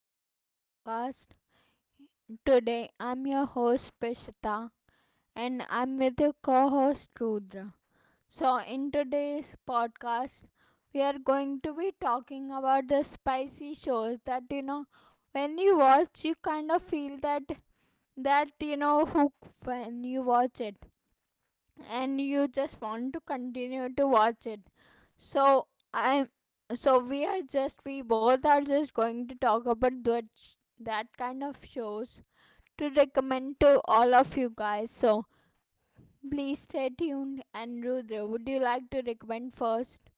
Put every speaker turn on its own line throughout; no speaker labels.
to the podcast. Today I'm your host Prishita, and I'm with your co host Rudra. So, in today's podcast, we are going to be talking about the spicy shows that, when you watch, you kind of feel that hook when you watch it, and you just want to continue to watch it so I'm so we are just We both are just going to talk about that kind of shows to recommend to all of you guys, so please stay tuned. And Rudra, would you like to recommend first?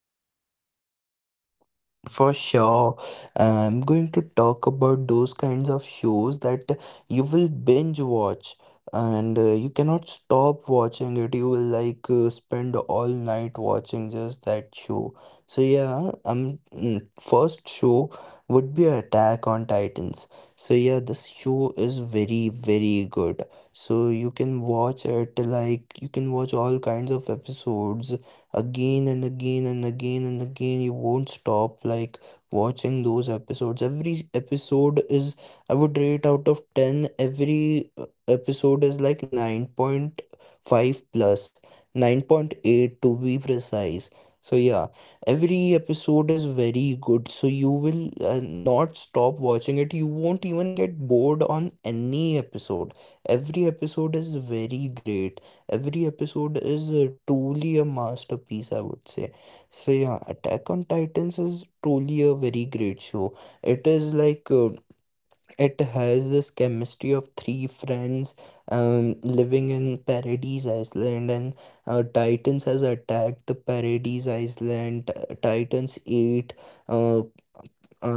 For sure. I'm going to talk about those kinds of shows that you will binge watch and you cannot stop watching it. You will like spend all night watching just that show. So yeah, first show would be Attack on Titans. So yeah, this show is very very good. So you can watch it, like, you can watch all kinds of episodes again and again and again and again. You won't stop like watching those episodes. Every episode is, I would rate out of 10, every episode is like 9.5 plus, 9.8 to be precise. So yeah, every episode is very good, so you will not stop watching it. You won't even get bored on any episode. Every episode is very great. Every episode is truly a masterpiece, I would say. So, yeah, Attack on Titans is truly a very great show. It is like it has this chemistry of three friends living in Paradise Island, and Titans has attacked the Paradise Island. Titans ate uh,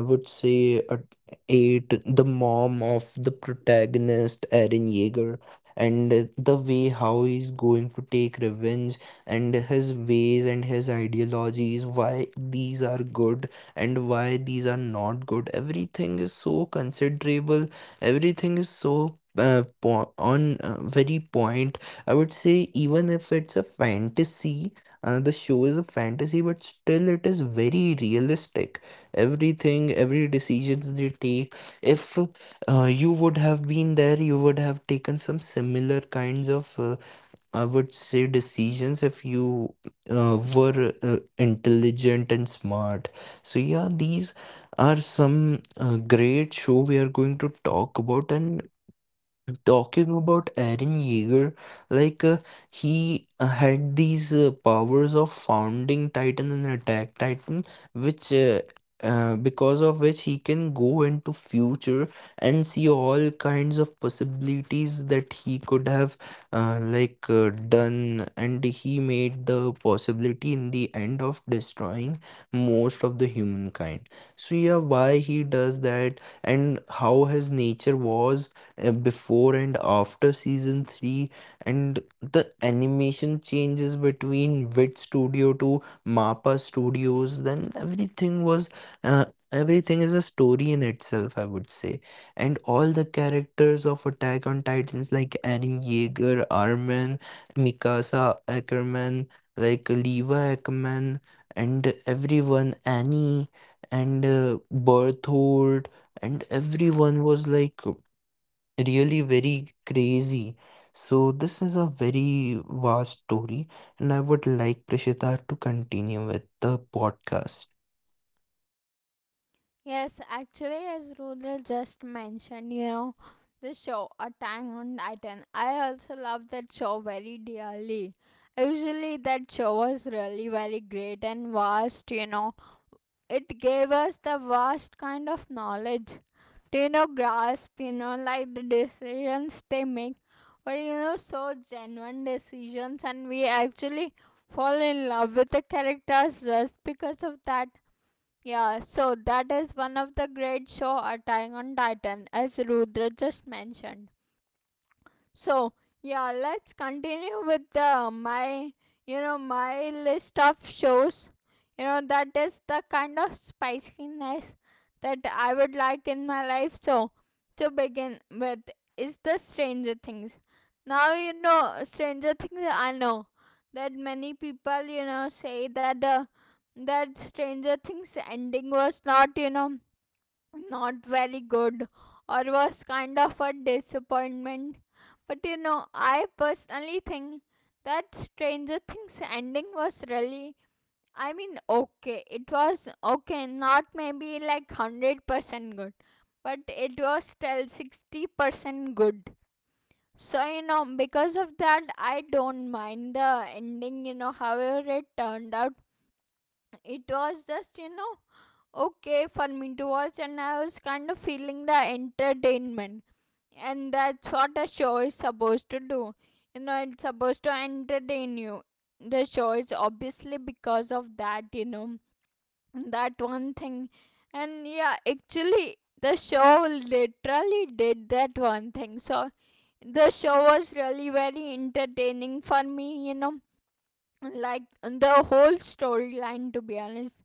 I would say at eight, the mom of the protagonist, Eren Yeager, and the way how he's going to take revenge, and his ways and his ideologies, why these are good and why these are not good. Everything is so considerable, everything is so on very point. I would say, even if it's a fantasy, the show is a fantasy, but still it is very realistic. Everything, every decisions they take, if you would have been there, you would have taken some similar kinds of, I would say, decisions if you were intelligent and smart. So yeah, these are some great show we are going to talk about. And talking about Aaron Yeager, like uh, he had these powers of founding Titan and attack Titan, which because of which he can go into future and see all kinds of possibilities that he could have done, and he made the possibility in the end of destroying most of the humankind. So yeah, why he does that and how his nature was before and after season 3, and the animation changes between Wit Studio to Mappa Studios. Then everything was uh, everything is a story in itself, I would say. And all the characters of Attack on Titans, like Aaron Yeager, Armin, Mikasa Ackerman, like Leva Ackerman, and everyone, Annie, and Berthold, and everyone was like really very crazy. So this is a very vast story, and I would like Prishita to continue with the podcast.
Yes, actually, as Rudra just mentioned, the show Attack on Titan. I also love that show very dearly. Usually, that show was really very great and vast. It gave us the vast kind of knowledge to, grasp, like the decisions they make were, so genuine decisions, and we actually fall in love with the characters just because of that, yeah. So that is one of the great show Attack on Titan, as Rudra just mentioned. So yeah, let's continue with the my you know my list of shows. You know that is the kind of spiciness that I would like in my life. So to begin with is the Stranger Things. Now you know Stranger Things. I know that many people say that the that Stranger Things ending was not, not very good, or was kind of a disappointment. But, I personally think that Stranger Things ending was really, I mean, okay. It was okay, not maybe like 100% good, but it was still 60% good. So, because of that, I don't mind the ending, however it turned out. It was just, okay for me to watch, and I was kind of feeling the entertainment. And that's what a show is supposed to do. It's supposed to entertain you. The show is obviously, because of that, that one thing. And yeah, actually, the show literally did that one thing. So the show was really very entertaining for me, like the whole storyline. To be honest,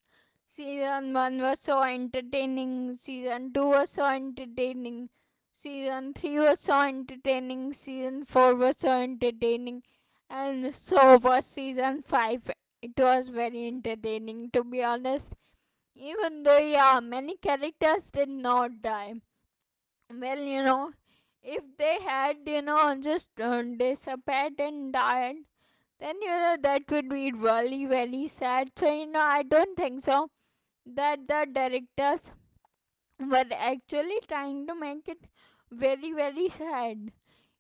season 1 was so entertaining, season 2 was so entertaining, season 3 was so entertaining, season 4 was so entertaining, and so was season 5. It was very entertaining, to be honest. Even though, yeah, many characters did not die well, if they had just disappeared and died, then that would be really very sad. So I don't think so that the directors were actually trying to make it very very sad.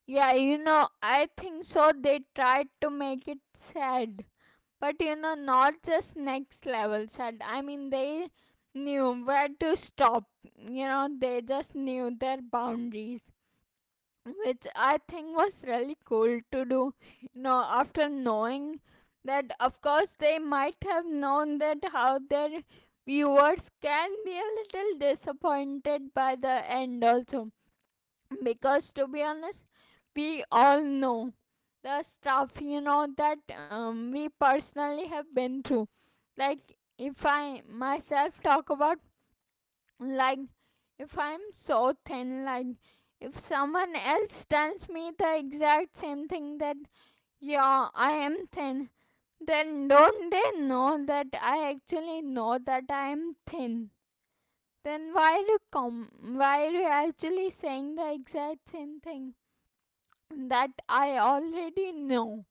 Yeah, I think so they tried to make it sad. But not just next level sad. I mean, they knew where to stop. They just knew their boundaries, which I think was really cool to do. After knowing that, of course, they might have known that how their viewers can be a little disappointed by the end, also. Because to be honest, we all know the stuff that we personally have been through. Like, if I myself talk about, like, if I'm so thin, like, if someone else tells me the exact same thing that yeah, I am thin, then don't they know that I actually know that I am thin? Then why are you actually saying the exact same thing that I already know?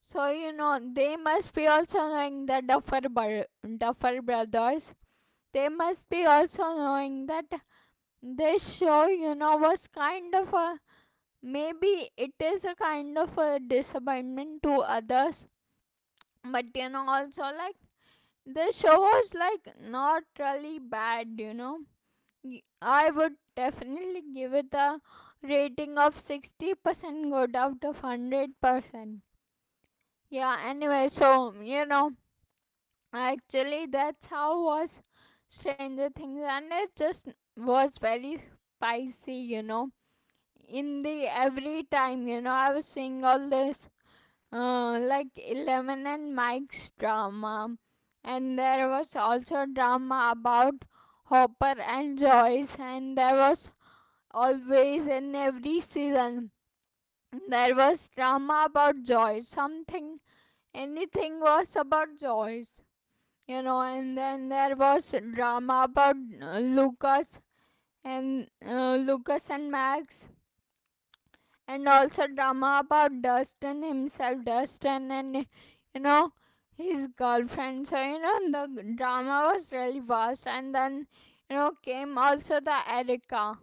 So they must be also knowing the Duffer brothers. They must be also knowing that this show you know was kind of a maybe it is a kind of a disappointment to others. But also, like, this show was like not really bad. I would definitely give it a rating of 60% good out of 100%. Yeah, anyway, so, actually that's how was Stranger Things. And it just was very spicy, in the every time I was seeing all this like Eleven and Mike's drama. And there was also drama about Hopper and Joyce, and there was always, in every season, there was drama about Joyce, something, anything was about Joyce. And then there was drama about Lucas, and Lucas and Max. And also drama about Dustin himself, Dustin and, you know his girlfriend. So the drama was really vast. And then came also the Erica,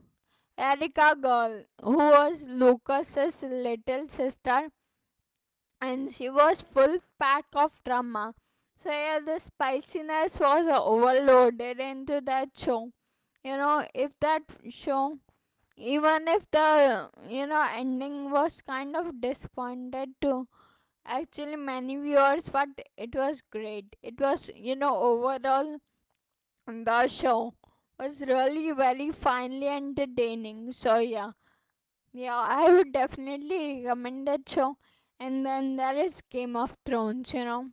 Erica girl, who was Lucas's little sister, and she was full pack of drama. So yeah, the spiciness was overloaded into that show. You know, if that show even if the ending was kind of disappointed to actually many viewers, but it was great, it was, overall, the show was really very finely entertaining, so yeah. Yeah, I would definitely recommend that show. And then there is Game of Thrones.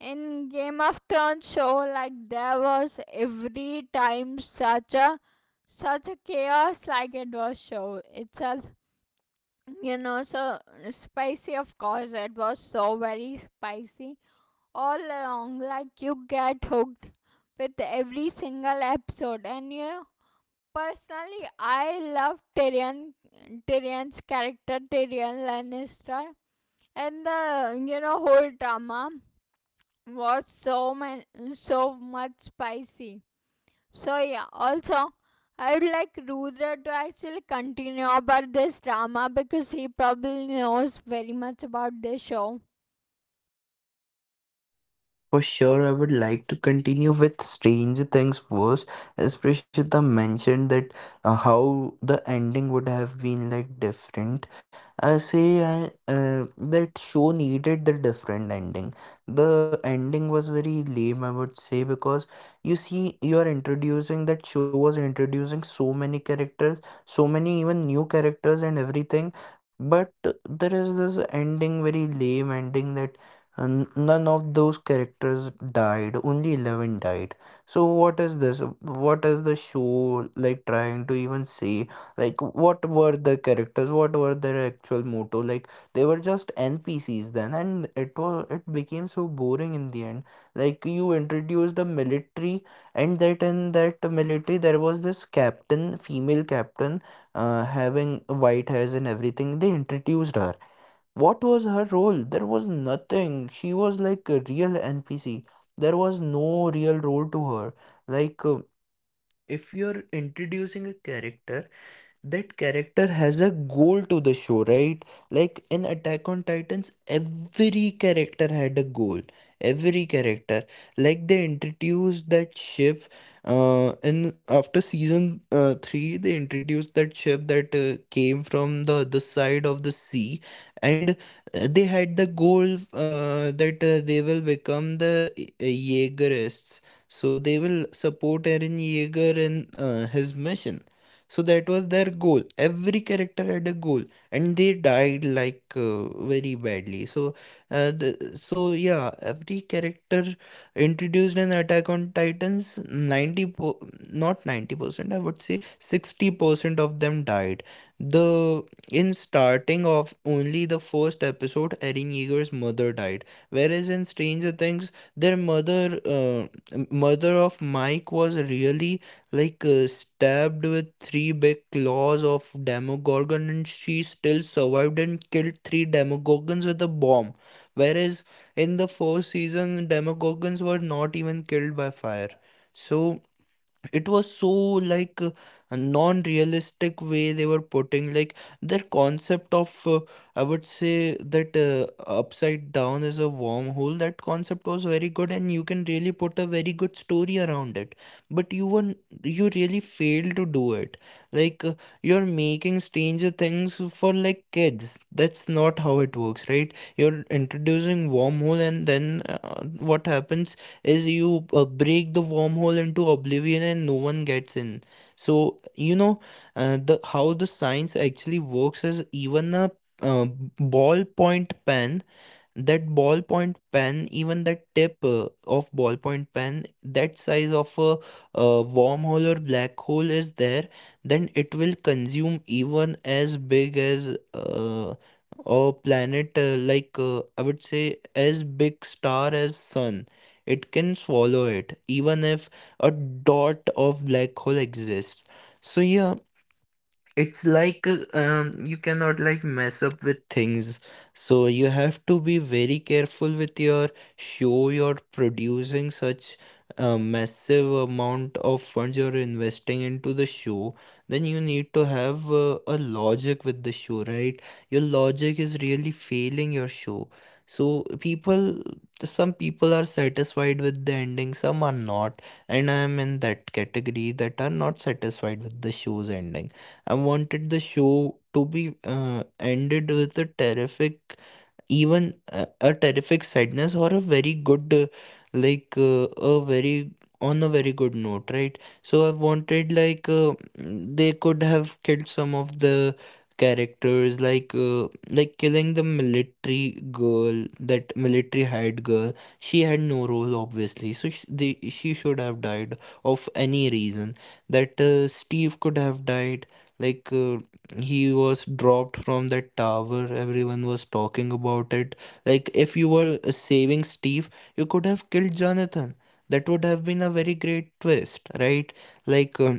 In Game of Thrones show, like, there was every time such a chaos, like it was show itself, so spicy. Of course, it was so very spicy all along. Like, you get hooked with every single episode. And personally, I love Tyrion, Tyrion's character, Tyrion Lannister. And the whole drama was so, man, so much spicy. So yeah, also I would like Rudra to actually continue about this drama, because he probably knows very much about this show.
For sure, I would like to continue with Stranger Things first. As Prishita mentioned that how the ending would have been like different. I say I, uh, that show needed the different ending. The ending was very lame, I would say, because, you see, you are introducing, that show was introducing so many characters, so many even new characters and everything, but there is this ending, very lame ending, that and none of those characters died, only 11 died. So what is this? What is the show like trying to even say? Like, what were the characters? What were their actual motto? Like, they were just NPCs then, and it was, it became so boring in the end. Like, you introduced a military, and that, in that military, there was this captain, female captain, having white hairs and everything. They introduced her, what was her role? There was nothing. She was like a real NPC. There was no real role to her. Like, if you're introducing a character, that character has a goal to the show, right? Like in Attack on Titans, every character had a goal. Every character, like, they introduced that ship in after season 3, they introduced that ship that came from the other side of the sea, and they had the goal that they will become the Jaegerists, so they will support Aaron Jaeger in his mission. So that was their goal. Every character had a goal, and they died like very badly. So, so yeah, every character introduced in Attack on Titans, not 90%, I would say 60% of them died. The In starting of only the first episode, Erin Yeager's mother died, whereas in Stranger Things, their mother, mother of Mike, was really like stabbed with three big claws of demogorgon, and she still survived and killed three demogorgons with a bomb. Whereas in the first season, demogorgons were not even killed by fire. So it was so like a non-realistic way they were putting, like, their concept of, I would say, that upside down is a wormhole. That concept was very good and you can really put a very good story around it, but you were, you really failed to do it. Like, you're making Stranger Things for like kids. That's not how it works, right? You're introducing wormhole and then, what happens is you break the wormhole into oblivion and no one gets in. So, you know, the how the science actually works is, even a uh, ballpoint pen, that ballpoint pen, even the tip of ballpoint pen, that size of a wormhole or black hole is there, then it will consume even as big as, a planet, I would say as big star as sun, it can swallow it, even if a dot of black hole exists. So yeah, it's like you cannot like mess up with things. So you have to be very careful with your show. You're producing such a massive amount of funds, you're investing into the show. Then you need to have a logic with the show, right? Your logic is really failing your show. So people, some people are satisfied with the ending, some are not. And I am in that category that are not satisfied with the show's ending. I wanted the show to be ended with a terrific, even a terrific sadness, or a very good, a very, on a very good note, right? So I wanted, like, they could have killed some of the characters, like, like killing the military girl, that military hired girl. She had no role obviously, so she should have died of any reason. That Steve could have died, like, he was dropped from that tower. Everyone was talking about it. Like, if you were saving Steve, you could have killed Jonathan. That would have been a very great twist, right? Like,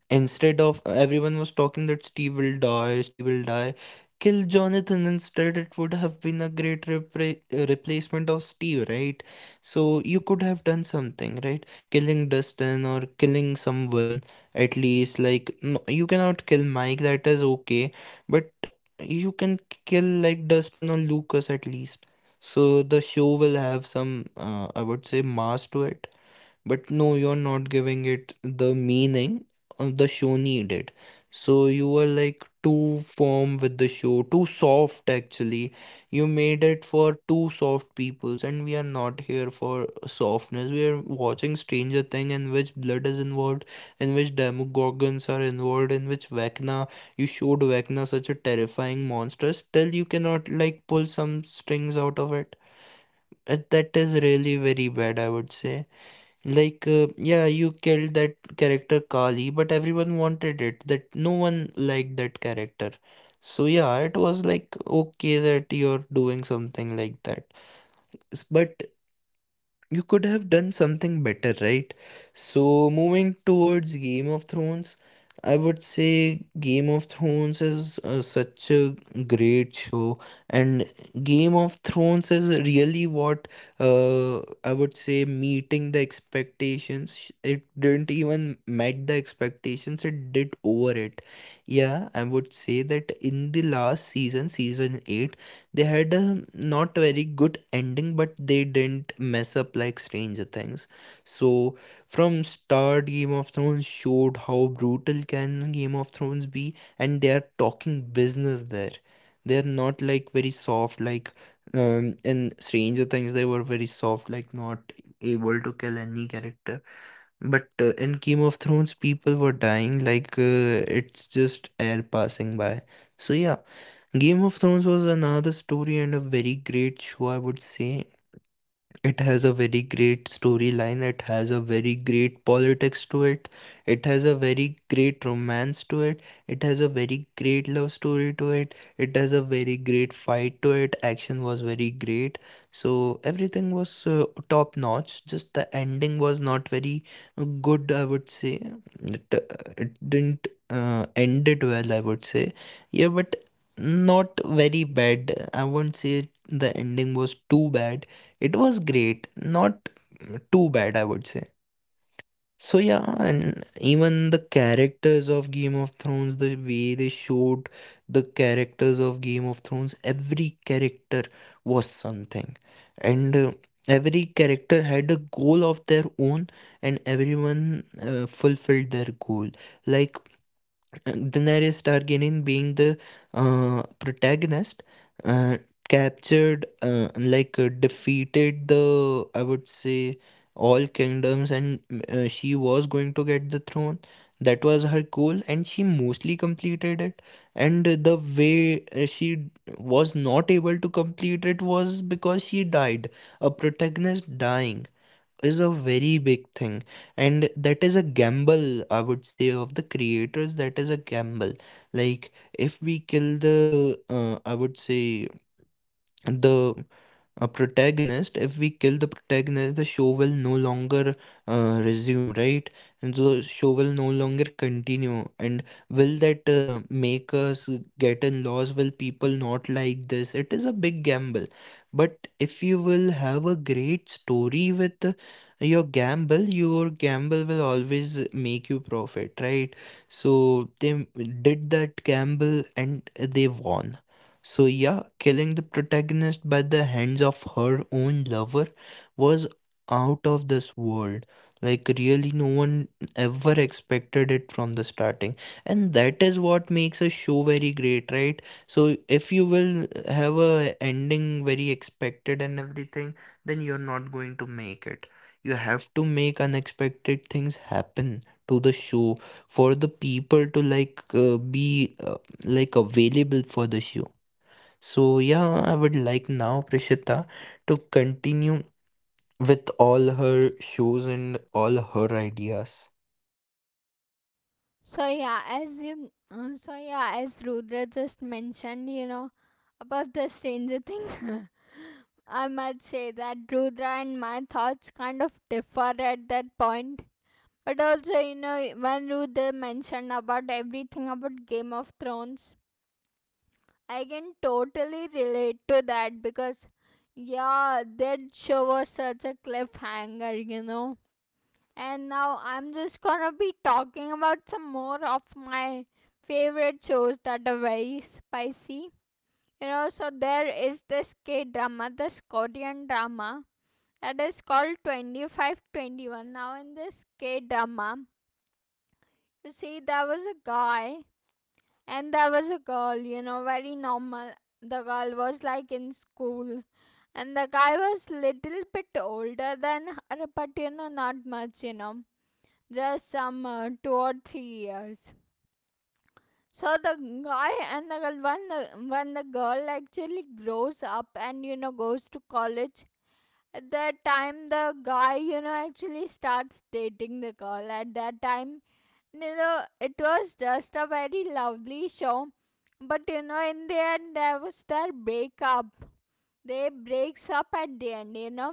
instead of, everyone was talking that Steve will die, Steve will die, kill Jonathan instead. It would have been a great replacement of Steve, right? So you could have done something, right? Killing Dustin or killing someone at least. Like, no, you cannot kill Mike, that is okay, but you can kill like Dustin or Lucas at least. So the show will have some, I would say, mass to it, but no, you're not giving it the meaning the show needed. So you were like too firm with the show, too soft actually. You made it for too soft peoples, and we are not here for softness. We are watching Stranger Thing in which blood is involved, in which demogorgons are involved, in which Vecna, you showed Vecna such a terrifying monster. Still, you cannot like pull some strings out of it. That is really very bad, I would say. Like, yeah, you killed that character Kali, but everyone wanted it. That no one liked that character. So yeah, it was like okay that you're doing something like that. But you could have done something better, right? So, moving towards Game of Thrones, I would say Game of Thrones is such a great show, and Game of Thrones is really what, I would say, meeting the expectations. It didn't even met the expectations, it did over it. Yeah, I would say that in the last season, season 8, they had a not very good ending, but they didn't mess up like Stranger Things. So from start, Game of Thrones showed how brutal can Game of Thrones be, and they are talking business there. They are not like very soft like in Stranger Things. They were very soft, like not able to kill any character. But in Game of Thrones, people were dying like it's just air passing by. So yeah, Game of Thrones was another story and a very great show, I would say it has a very great storyline, it has a very great politics to it, it has a very great romance to it, it has a very great love story to it, it has a very great fight to it, action was very great. So everything was top notch, just the ending was not very good, I would say it didn't end it well, I would say. Yeah, but not very bad, I won't say the ending was too bad. It was great, not too bad, I would say. So yeah, and even the characters of Game of Thrones, the way they showed the characters of Game of Thrones, every character was something, and every character had a goal of their own, and everyone fulfilled their goal. Like Daenerys Targaryen, being the protagonist, uh, captured, defeated the, I would say, all kingdoms, and she was going to get the throne. That was her goal, and she mostly completed it. And the way she was not able to complete it was because she died. A protagonist dying is a very big thing, and that is a gamble, I would say, of the creators. That is a gamble. Like, if we kill the I would say the a protagonist, if we kill the protagonist, the show will no longer resume, right? And the show will no longer continue, and will that make us get in laws, will people not like this? It is a big gamble. But if you will have a great story with your gamble, your gamble will always make you profit, right? So they m- did that gamble, and they won. So, yeah, killing the protagonist by the hands of her own lover was out of this world. Like, really, no one ever expected it from the starting. And that is what makes a show very great, right? So, if you will have a ending very expected and everything, then you're not going to make it. You have to make unexpected things happen to the show for the people to be like available for the show. So, yeah, I would like now Prishita to continue with all her shows and all her ideas.
So yeah, as Rudra just mentioned, about the Stranger Things. I must say that Rudra and my thoughts kind of differ at that point. But also, when Rudra mentioned about everything about Game of Thrones, I can totally relate to that, because yeah, that show was such a cliffhanger. And now I'm just gonna be talking about some more of my favorite shows that are very spicy. So there is this K drama, this Korean drama that is called 2521. Now, in this K drama, you see, there was a guy and there was a girl, very normal. The girl was like in school. And the guy was little bit older than her, but not much, just some 2 or 3 years. So the guy and the girl, when the girl actually grows up and goes to college, at that time the guy actually starts dating the girl. At that time, it was just a very lovely show, but in the end, there was their breakup. They breaks up at the end,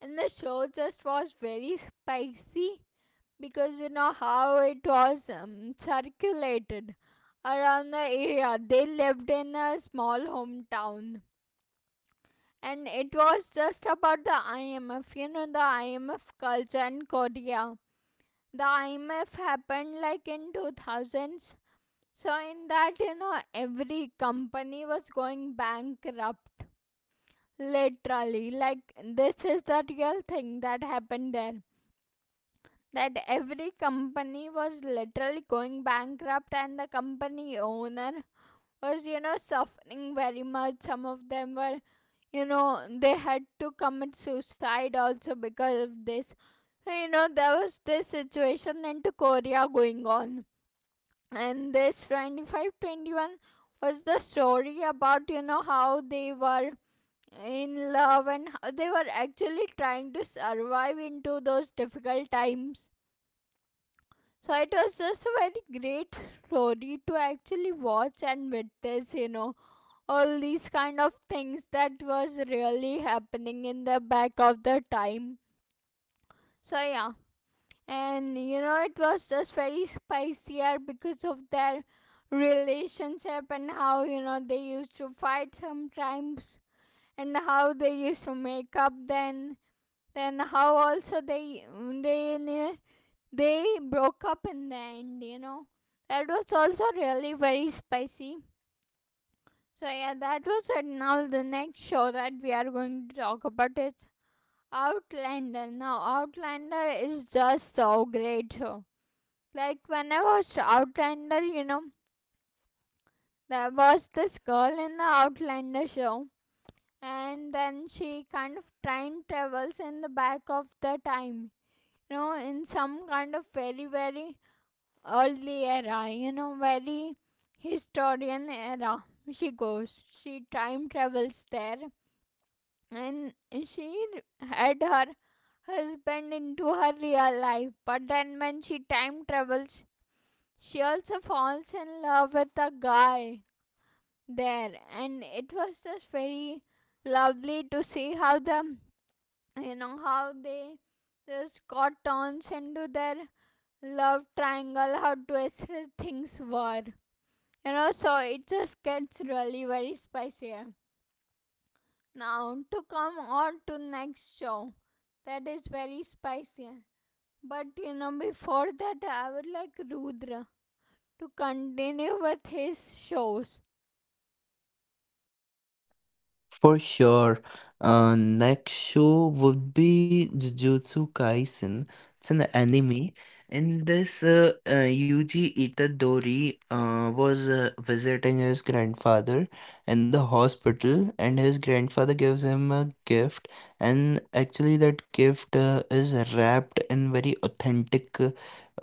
and the show just was very spicy, because how it was circulated around the area. They lived in a small hometown. And it was just about the IMF, the IMF culture in Korea. The IMF happened like in 2000s. So, in that, every company was going bankrupt. Literally, like this is the real thing that happened there, that every company was literally going bankrupt, and the company owner was suffering very much. Some of them were, they had to commit suicide also, because of this. So, there was this situation into Korea going on, and this 2521 was the story about how they were in love and how they were actually trying to survive into those difficult times. So it was just a very great story to actually watch and witness, all these kind of things that was really happening in the back of the time. So yeah, and it was just very spicier because of their relationship and how they used to fight sometimes and how they used to make up, then how also they they broke up in the end. That was also really very spicy. So yeah, that was it. Now, the next show that we are going to talk about is Outlander. Now, Outlander is just so great show. Like, when I watched Outlander, there was this girl in the Outlander show, and then she kind of time travels in the back of the time, in some kind of very, very early era, very historian era. She goes, she time travels there, and she had her husband into her real life. But then, when she time travels, she also falls in love with a guy there, and it was just very lovely to see how the you know how they just got turns into their love triangle, how twisted things were. So it just gets really very spicier now to come on to next show that is very spicier. But you know, before that, I would like Rudra to continue with his shows.
For sure. Next show would be Jujutsu Kaisen. It's an anime, and this Yuji Itadori was visiting his grandfather in the hospital, and his grandfather gives him a gift, and actually that gift is wrapped in very authentic uh,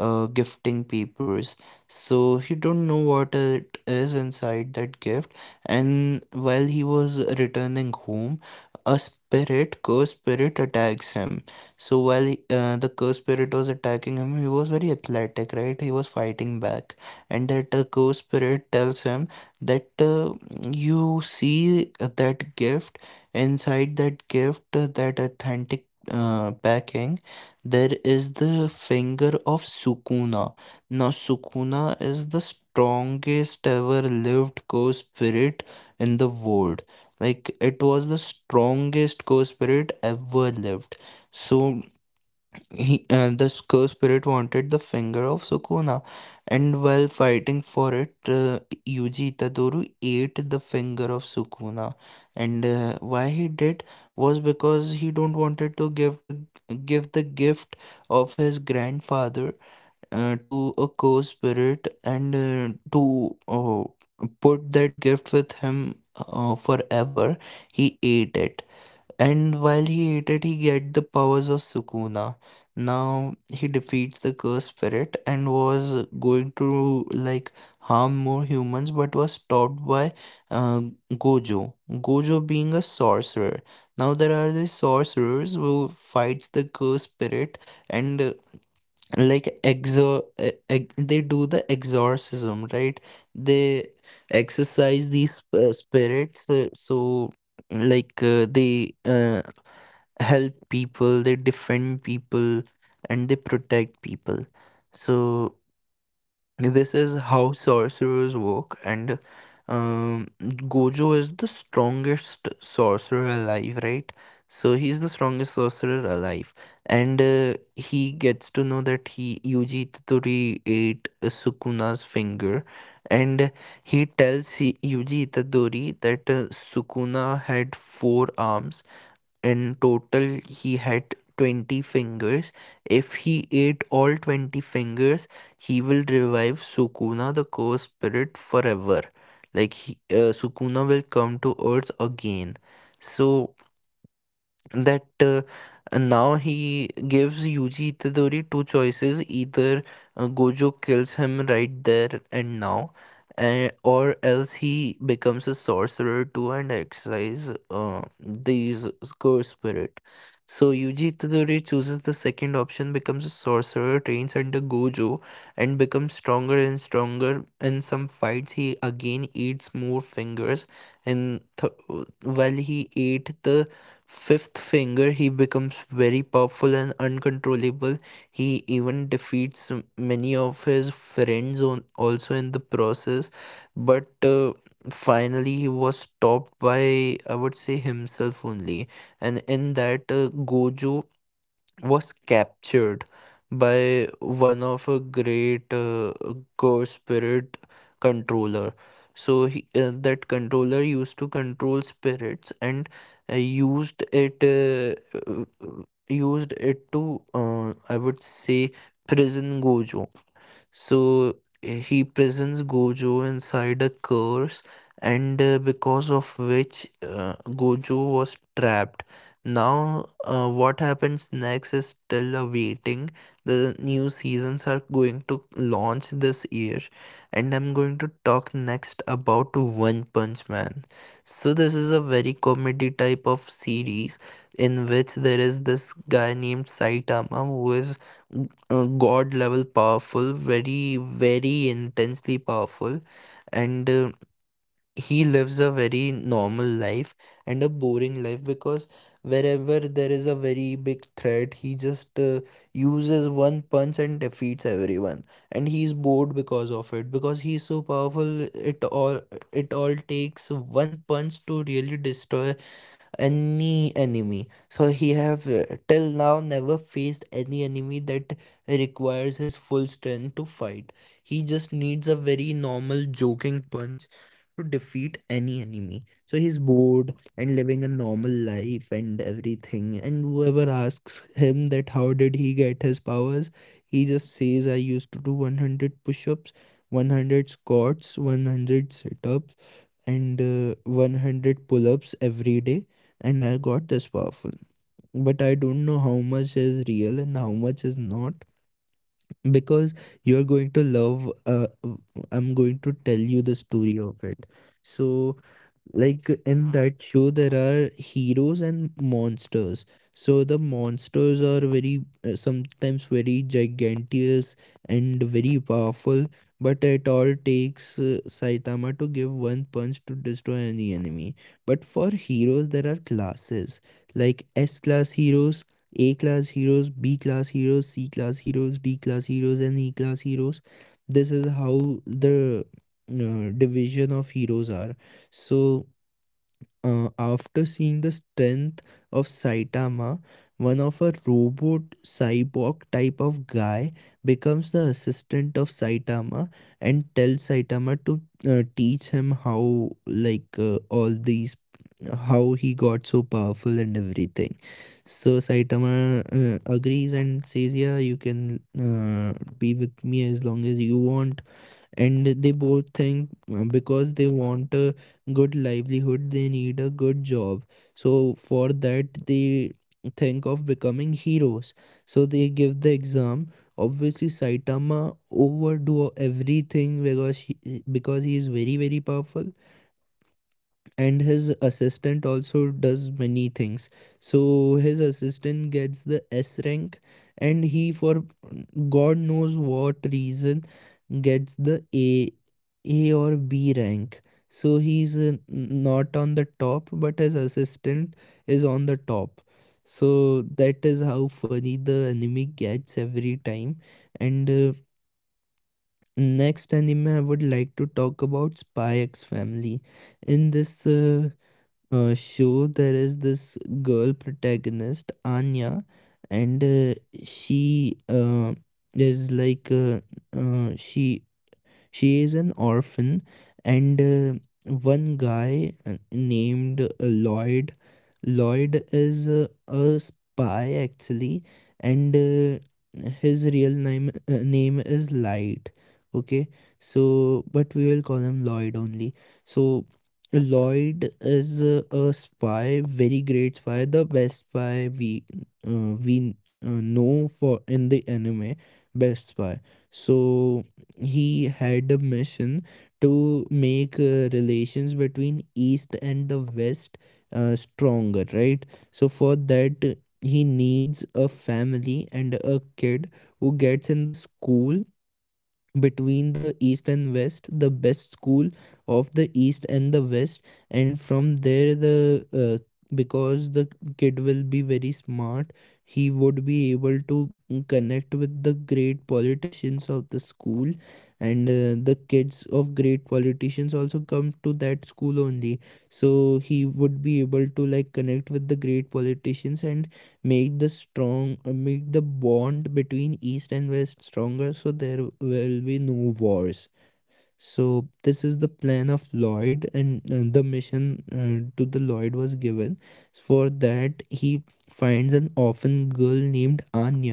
uh, gifting papers. So he don't know what it is inside that gift, and while he was returning home, a spirit, cursed spirit, attacks him. So the cursed spirit was attacking him. He was very athletic, right? He was fighting back, and that cursed spirit tells him that you see that gift, inside that gift, that authentic backing, there is the finger of Sukuna. Now, Sukuna is the strongest ever lived co spirit in the world. Like, it was the strongest co spirit ever lived. So, this co spirit wanted the finger of Sukuna, and while fighting for it, Yuji Itadori ate the finger of Sukuna. And why he did was because he don't wanted to give the gift of his grandfather to a co-spirit, and to put that gift with him forever. He ate it, and while he ate it, he get the powers of Sukuna. Now he defeats the cursed spirit and was going to like harm more humans, but was stopped by uh, Gojo. Gojo being a sorcerer. Now there are these sorcerers who fights the cursed spirit, and they do the exorcism, right? They exercise these spirits, so like they help people, they defend people, and they protect people. So this is how sorcerers work, and Gojo is the strongest sorcerer alive, right? So he's the strongest sorcerer alive, and he gets to know that he Yuji Itadori ate Sukuna's finger, and he tells Yuji Itadori that Sukuna had four arms. In total, he had 20 fingers. If he ate all 20 fingers, he will revive Sukuna, the cursed spirit, forever. Like, Sukuna will come to earth again. So, that now he gives Yuji Itadori two choices: either Gojo kills him right there and now, or else he becomes a sorcerer too and exercise these curse spirit. So Yuji Itadori chooses the second option, becomes a sorcerer, trains under Gojo, and becomes stronger and stronger. In some fights he again eats more fingers, and while he ate the fifth finger, he becomes very powerful and uncontrollable. He even defeats many of his friends on, also in the process. But finally, he was stopped by, I would say, himself only. And in that, Gojo was captured by one of a great god spirit controller. So that controller used to control spirits and uh, used it uh, uh, used it to I would say prison Gojo. So he presents Gojo inside a curse, and because of which Gojo was trapped. Now, what happens next is still awaiting. The new seasons are going to launch this year, and I'm going to talk next about One Punch Man. So, this is a very comedy type of series in which there is this guy named Saitama who is god level powerful, very very intensely powerful, and he lives a very normal life and a boring life, because wherever there is a very big threat he just uses one punch and defeats everyone. And he's bored because of it, because he's so powerful it all takes one punch to really destroy any enemy. So he have till now never faced any enemy that requires his full strength to fight. He just needs a very normal joking punch to defeat any enemy. So he's bored and living a normal life and everything, and whoever asks him that how did he get his powers, he just says I used to do 100 push-ups, 100 squats, 100 sit-ups, and 100 pull ups every day, and I got this powerful. But I don't know how much is real and how much is not, because you're going to love. I'm going to tell you the story of it. So, like in that show there are heroes and monsters. So the monsters are very sometimes very gigantic and very powerful, but it all takes Saitama to give one punch to destroy any enemy. But for heroes there are classes, like S class heroes, A class heroes, B class heroes, C class heroes, D class heroes, and E class heroes. This is how the division of heroes are. So after seeing the strength of Saitama, one of a robot cyborg type of guy becomes the assistant of Saitama, and tells Saitama to teach him how, like, all these, how he got so powerful and everything. So Saitama agrees and says, yeah, you can be with me as long as you want. And they both think, because they want a good livelihood, they need a good job. So for that they think of becoming heroes. So they give the exam. Obviously Saitama overdo everything, because because he is very very powerful, and his assistant also does many things. So his assistant gets the S rank, and he, for god knows what reason, gets the A or B rank. So he's not on the top, but his assistant is on the top. So that is how funny the anime gets every time. And next anime I would like to talk about Spy x Family. In this show there is this girl protagonist Anya, and she uh, is like uh, uh, she she is an orphan, and one guy named Lloyd. Lloyd is a spy actually, and his real name is Light. Okay, so but we will call him Lloyd only. So Lloyd is a spy, very great spy, the best spy we know for in the anime, best spy. So he had a mission to make relations between east and the west stronger, right? So for that he needs a family and a kid who gets in the school between the east and west, the best school of the east and the west. And from there the uh, because the kid will be very smart, he would be able to connect with the great politicians of the school, and the kids of great politicians also come to that school only. So he would be able to like connect with the great politicians and make the bond between east and west stronger, so there will be no wars. So this is the plan of Lloyd, and the mission to the Lloyd was given. For that he finds an orphan girl named Anya,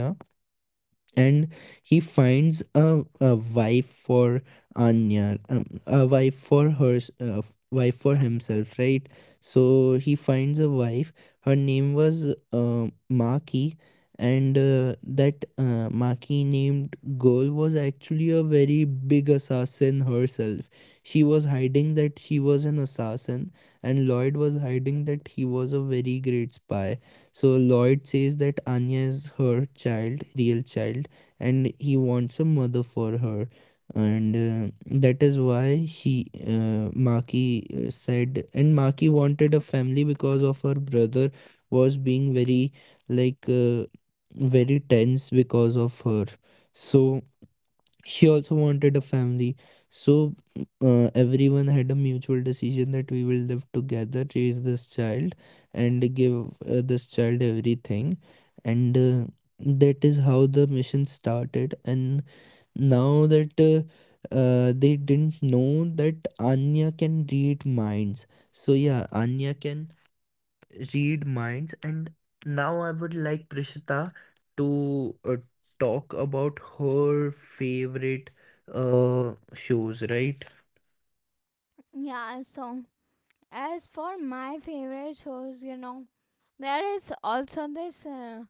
and he finds a wife for Anya, a wife for her, wife for himself, right? So he finds a wife. Her name was Maki, and that Maki named girl was actually a very big assassin herself. She was hiding that she was an assassin, and Lloyd was hiding that he was a very great spy. So Lloyd says that Anya is her child, real child, and he wants a mother for her, and that is why she maki said. And Maki wanted a family because of her brother was being very like uh, very tense because of her. So she also wanted a family. So everyone had a mutual decision that we will live together, raise this child, and give this child everything. And that is how the mission started. And now that they didn't know that Anya can read minds. So yeah, Anya can read minds. And now I would like Prishita to talk about her favorite uh shows, right?
Yeah, so as for my favorite shows, you know, there is also this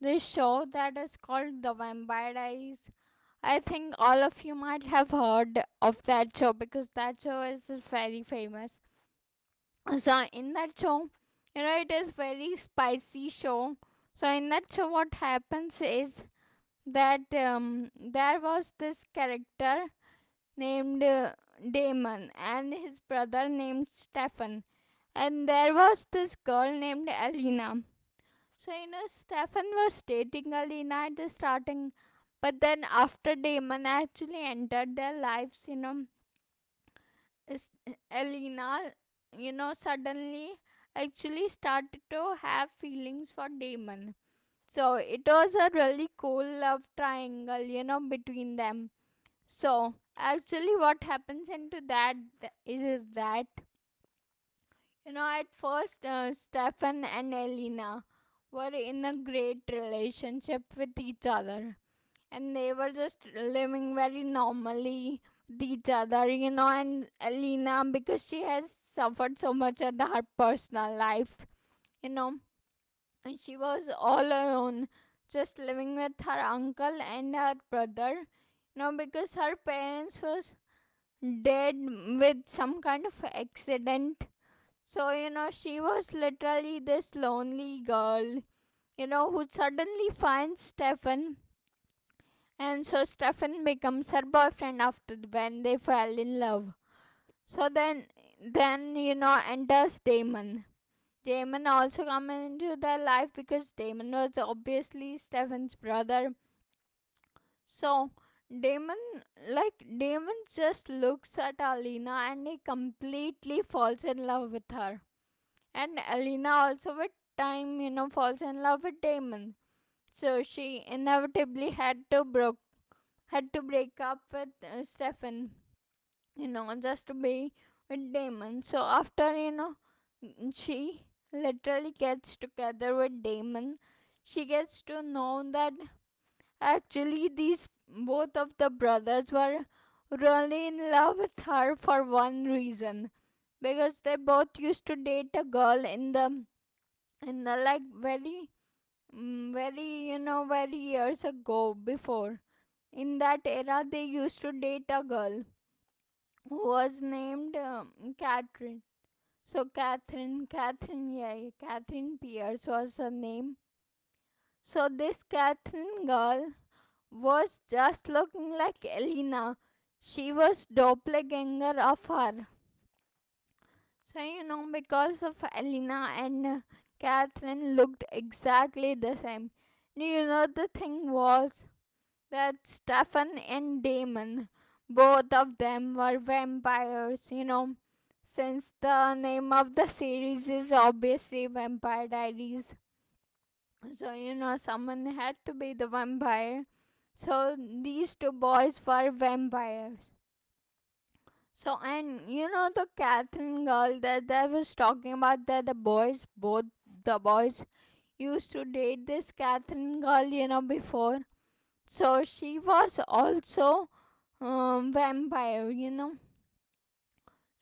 this show that is called The Vampire Diaries. I think all of you might have heard of that show because that show is very famous. So in that show, you know, it is very spicy show. So in that show what happens is that there was this character named Damon and his brother named Stefan, and there was this girl named Alina. So you know, Stefan was dating Alina at the starting, but then after Damon actually entered their lives, is- Elena, you know, suddenly actually started to have feelings for Damon. So it was a really cool love triangle, you know, between them. So actually, what happens into that is that, you know, at first, Stefan and Elena were in a great relationship with each other, and they were just living very normally with each other, you know. And Alina, because she has suffered so much in her personal life, you know, and she was all alone, just living with her uncle and her brother, you know, because her parents was dead with some kind of accident. So, you know, she was literally this lonely girl, you know, who suddenly finds Stefan. And so Stefan becomes her boyfriend after when they fell in love. So then, you know, enters Damon. Damon also comes into their life because Damon was obviously Stefan's brother. So Damon Damon just looks at Alina and he completely falls in love with her. And Alina also with time, you know, falls in love with Damon. So she inevitably had to break up with Stefan, you know, just to be with Damon. So after, you know, she literally gets together with Damon, she gets to know that actually these both of the brothers were really in love with her for one reason, because they both used to date a girl in the like very very, you know, very years ago, before. In that era, they used to date a girl who was named Catherine. So, Catherine, Catherine Pierce was her name. So, this Catherine girl was just looking like Elena. She was doppelganger of her. So, you know, because of Elena and Catherine looked exactly the same. You know, the thing was that Stefan and Damon, both of them were vampires, you know. Since the name of the series is obviously Vampire Diaries, so you know, someone had to be the vampire. So these two boys were vampires. So and you know the Catherine girl that I was talking about that the boys used to date this Catherine girl, you know, before. So she was also vampire, you know.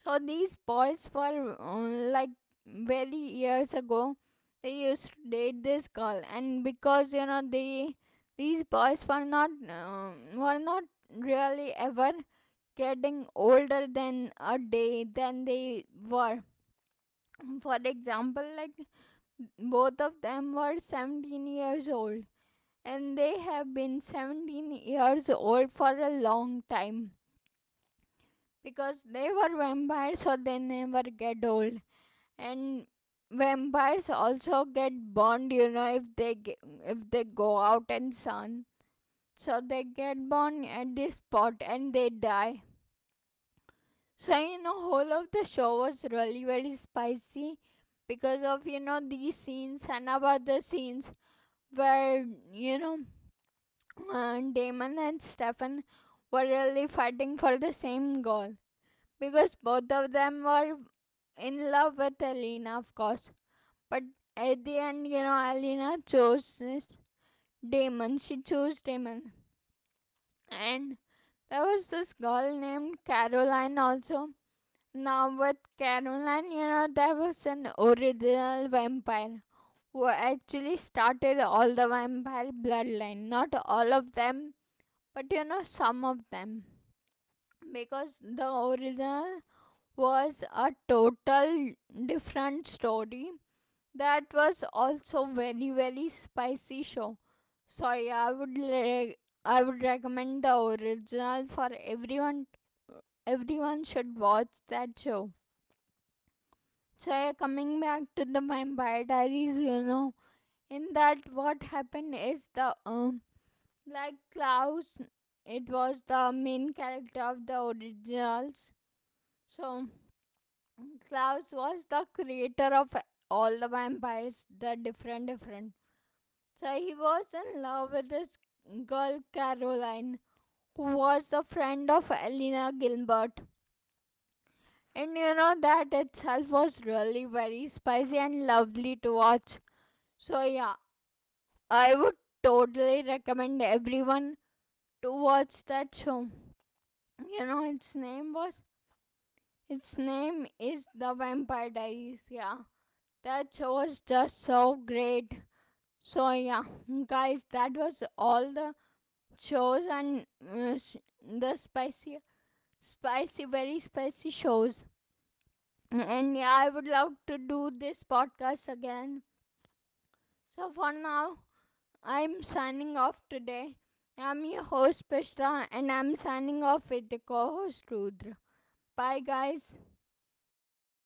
So these boys were like very years ago. They used to date this girl, and because you know they these boys were not really ever getting older than a day than they were. For example, like both of them were 17 years old and they have been 17 years old for a long time because they were vampires so they never get old. And vampires also get burned, you know, if if they go out in sun, so they get burned at this spot and they die. So you know, whole of the show was really very spicy because of, you know, these scenes and about the scenes where, you know, Damon and Stefan were really fighting for the same goal because both of them were in love with Alina, of course. But at the end, you know, Alina chose Damon. She chose Damon, and there was this girl named Caroline also. Now with Caroline, you know, there was an original vampire who actually started all the vampire bloodline. Not all of them, but you know, some of them. Because the original was a total different story. That was also very very spicy show. So yeah, I would recommend The original for everyone. Everyone should watch that show. So yeah, coming back to The Vampire Diaries, you know, in that what happened is the like Klaus, it was the main character of The Originals. So Klaus was the creator of all the vampires, the different, different. So he was in love with this girl, Caroline, who was the friend of Elena Gilbert. And you know, that itself was really very spicy and lovely to watch. So, yeah, I would totally recommend everyone to watch that show. You know, its name was. Its name is The Vampire Diaries. Yeah, that show was just so great. So yeah, guys, that was all the shows and uh, s- the spicy, spicy, very spicy shows. And yeah, I would love to do this podcast again. So for now, I'm signing off today. I'm your host Prishta, and I'm signing off with the co-host Rudra. Bye, guys.